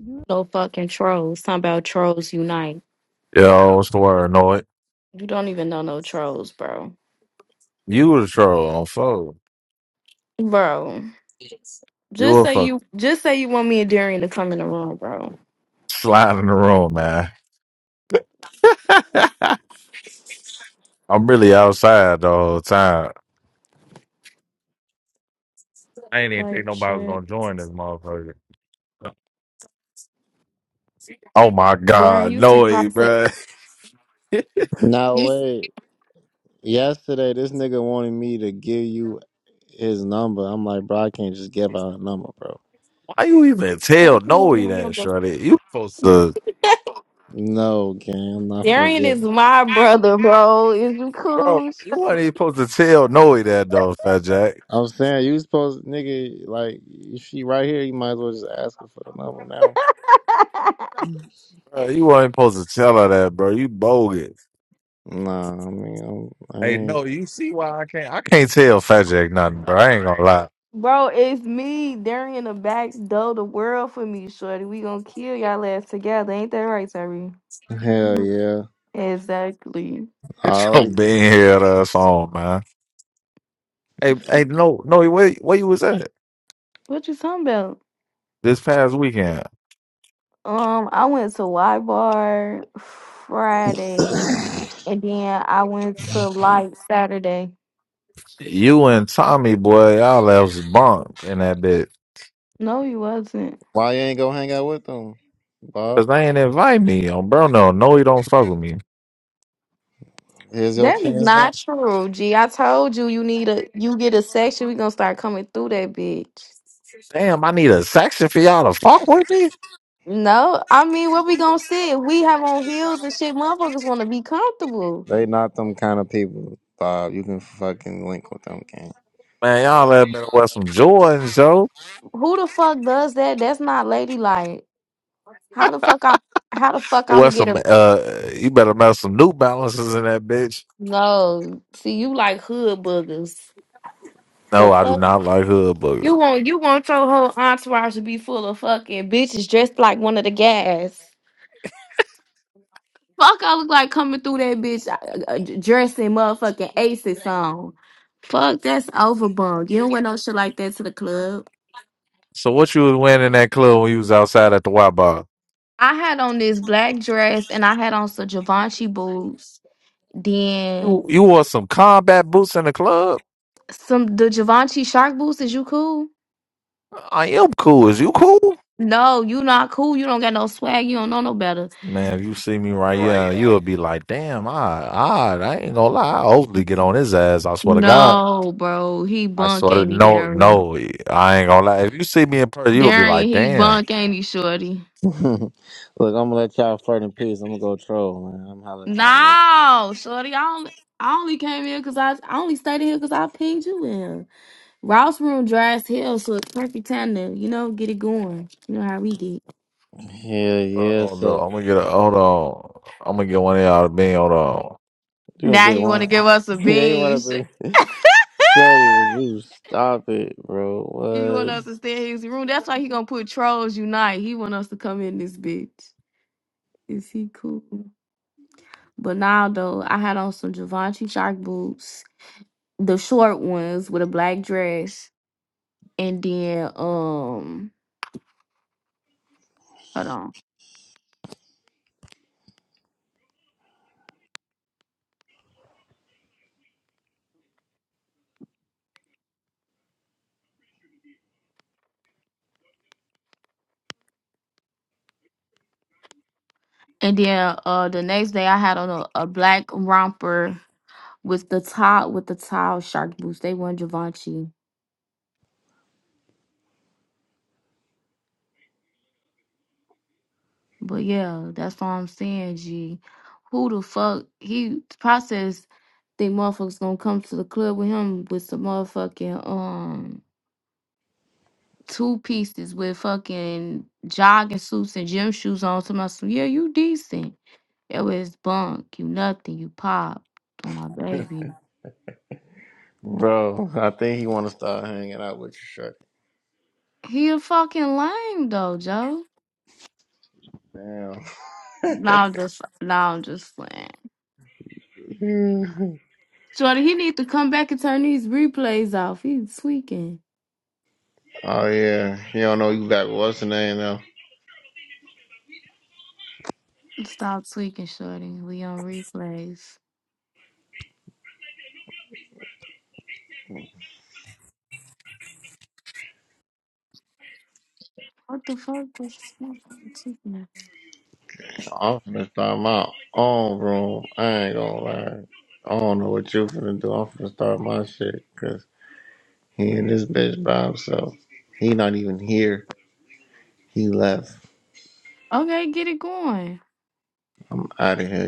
You No fucking trolls. Talking about trolls unite. Yo, what's the word, Annoyed? You don't even know no trolls, bro. You was a troll on phone. Bro, You just were say fuck you just say you want me and Darian to come in the room, bro. sliding in the room, man. I'm really outside the whole time. I ain't even Like think nobody was shit, gonna join this motherfucker. Oh my Darian, god, you see Noe, process. bro. No You s- wait, Yesterday, this nigga wanted me to give you his number. I'm like, bro, I can't just give out a number, bro. Why you even tell fuck you want Noe my that, number. Shorty? You supposed to, No, gang, I'm not finna Darian give. is it. my brother, bro. Is you bro. cool? You weren't Shit. even supposed to tell Noe that, though, Fat Jack. I'm saying you supposed, nigga, like if she right here, you might as well just ask her for the number now. Bro, you weren't supposed to tell her that, bro. You bogus. Nah, I mean, I'm, I Hey, no, ain't. you see why I can't. I can't tell Fat Jack nothing, bro. I ain't gonna lie. Bro, it's me, Darian the backs though the world for me, shorty. We gonna kill y'all ass together. Ain't that right, Terry? Hell yeah, Exactly. I Get your already. being here ass on, man. Hey, hey, no, no, where, where you was at What you talking about? this past weekend? Um, I went to Y Bar Friday, and then I went to Light Saturday. You and Tommy, boy, y'all left bunk in that bit. No, you wasn't. Why you ain't go hang out with them, Bob? Cause they ain't invite me on bro. No, no, you don't fuck with me. Here's your That is chance now. not true, G. I told you you need a you get a section. We gonna start coming through that bitch. Damn, I need a section for y'all to fuck with me. No, I mean what we gonna say? We have on heels and shit. Motherfuckers want to be comfortable. They not them kind of people, Bob. You can fucking link with them, gang. Man, y'all had better wear some Jordans, yo. Who the fuck does that? That's not ladylike. How the fuck I? How the fuck I'm Wear gonna get some, a uh, you better mess some New Balances in that bitch. no? See, you like hood boogers. The No, I do fuck not like hood You boogers. want you want your whole entourage to be full of fucking bitches dressed like one of the guys. Fuck, I look like coming through that bitch uh, uh, dressing motherfucking Aces song. Fuck, that's overbunk. You don't wear no shit like that to the club. So what you was wearing in that club when you was outside at the Y Bar? I had on this black dress and I had on some Givenchy boots. Then You you wore some combat boots in the club? some the Givenchy shark boots. Is you cool? I am cool. Is you cool? No, you not cool. You don't got no swag. You don't know no better. Man, if you see me right here, Right. you'll be like, damn, I, I, I ain't gonna lie. I'll hopefully get on his ass. I swear to God. No, bro, he I bunk swear to ain't he, no, Darian? no, I ain't gonna lie. If you see me in person, you'll be Darian, like, he damn. bunk, ain't he, Shorty? Look, I'm gonna let y'all flirt in peace. I'm gonna go troll, man. I'm holler at y'all later. No, Shorty, I only, I only came here because I, I only stayed in here because I pinged you in. Ross room dry as hell, so it's perfect time to, you know, get it going. You know how we get. Yeah, Hold yeah. on, though. So I'm gonna get a, hold on. I'm gonna get one of y'all to be, hold on. you gonna Now get you want to one? give us a they want us beans. to. say, Shuddy, would you stop it, you want bro? us to stay in his room. That's why he going to put Trolls Unite. He want us to come in this bitch. Is he cool? But now, though, I had on some Givenchy shark boots, the short ones with a black dress. and then um hold on and then uh the next day i had on a, a black romper with the top with the tile shark boots they weren't Givenchy. but yeah that's what i'm saying g who the fuck he process think motherfuckers gonna come to the club with him with some motherfucking um two pieces with fucking jogging suits and gym shoes on to my yeah you decent it was bunk you nothing you pop on my baby What, bro? I think he want to start hanging out with you, He a fucking lame though, Joe. Shuddy. No, Damn. I'm just no, I'm just playing. Shorty, he need to come back and turn these replays off. He's tweaking. oh yeah, he don't know you back. with What's the name now? Stop tweaking, Shorty. We on replays. What the fuck was tweaking? I'm finna start my own room. I ain't gonna lie. I don't know what you finna do. I'm finna start my shit, 'cause He in this bitch by himself. He not even here. He left. Okay, get it going. I'm out of here.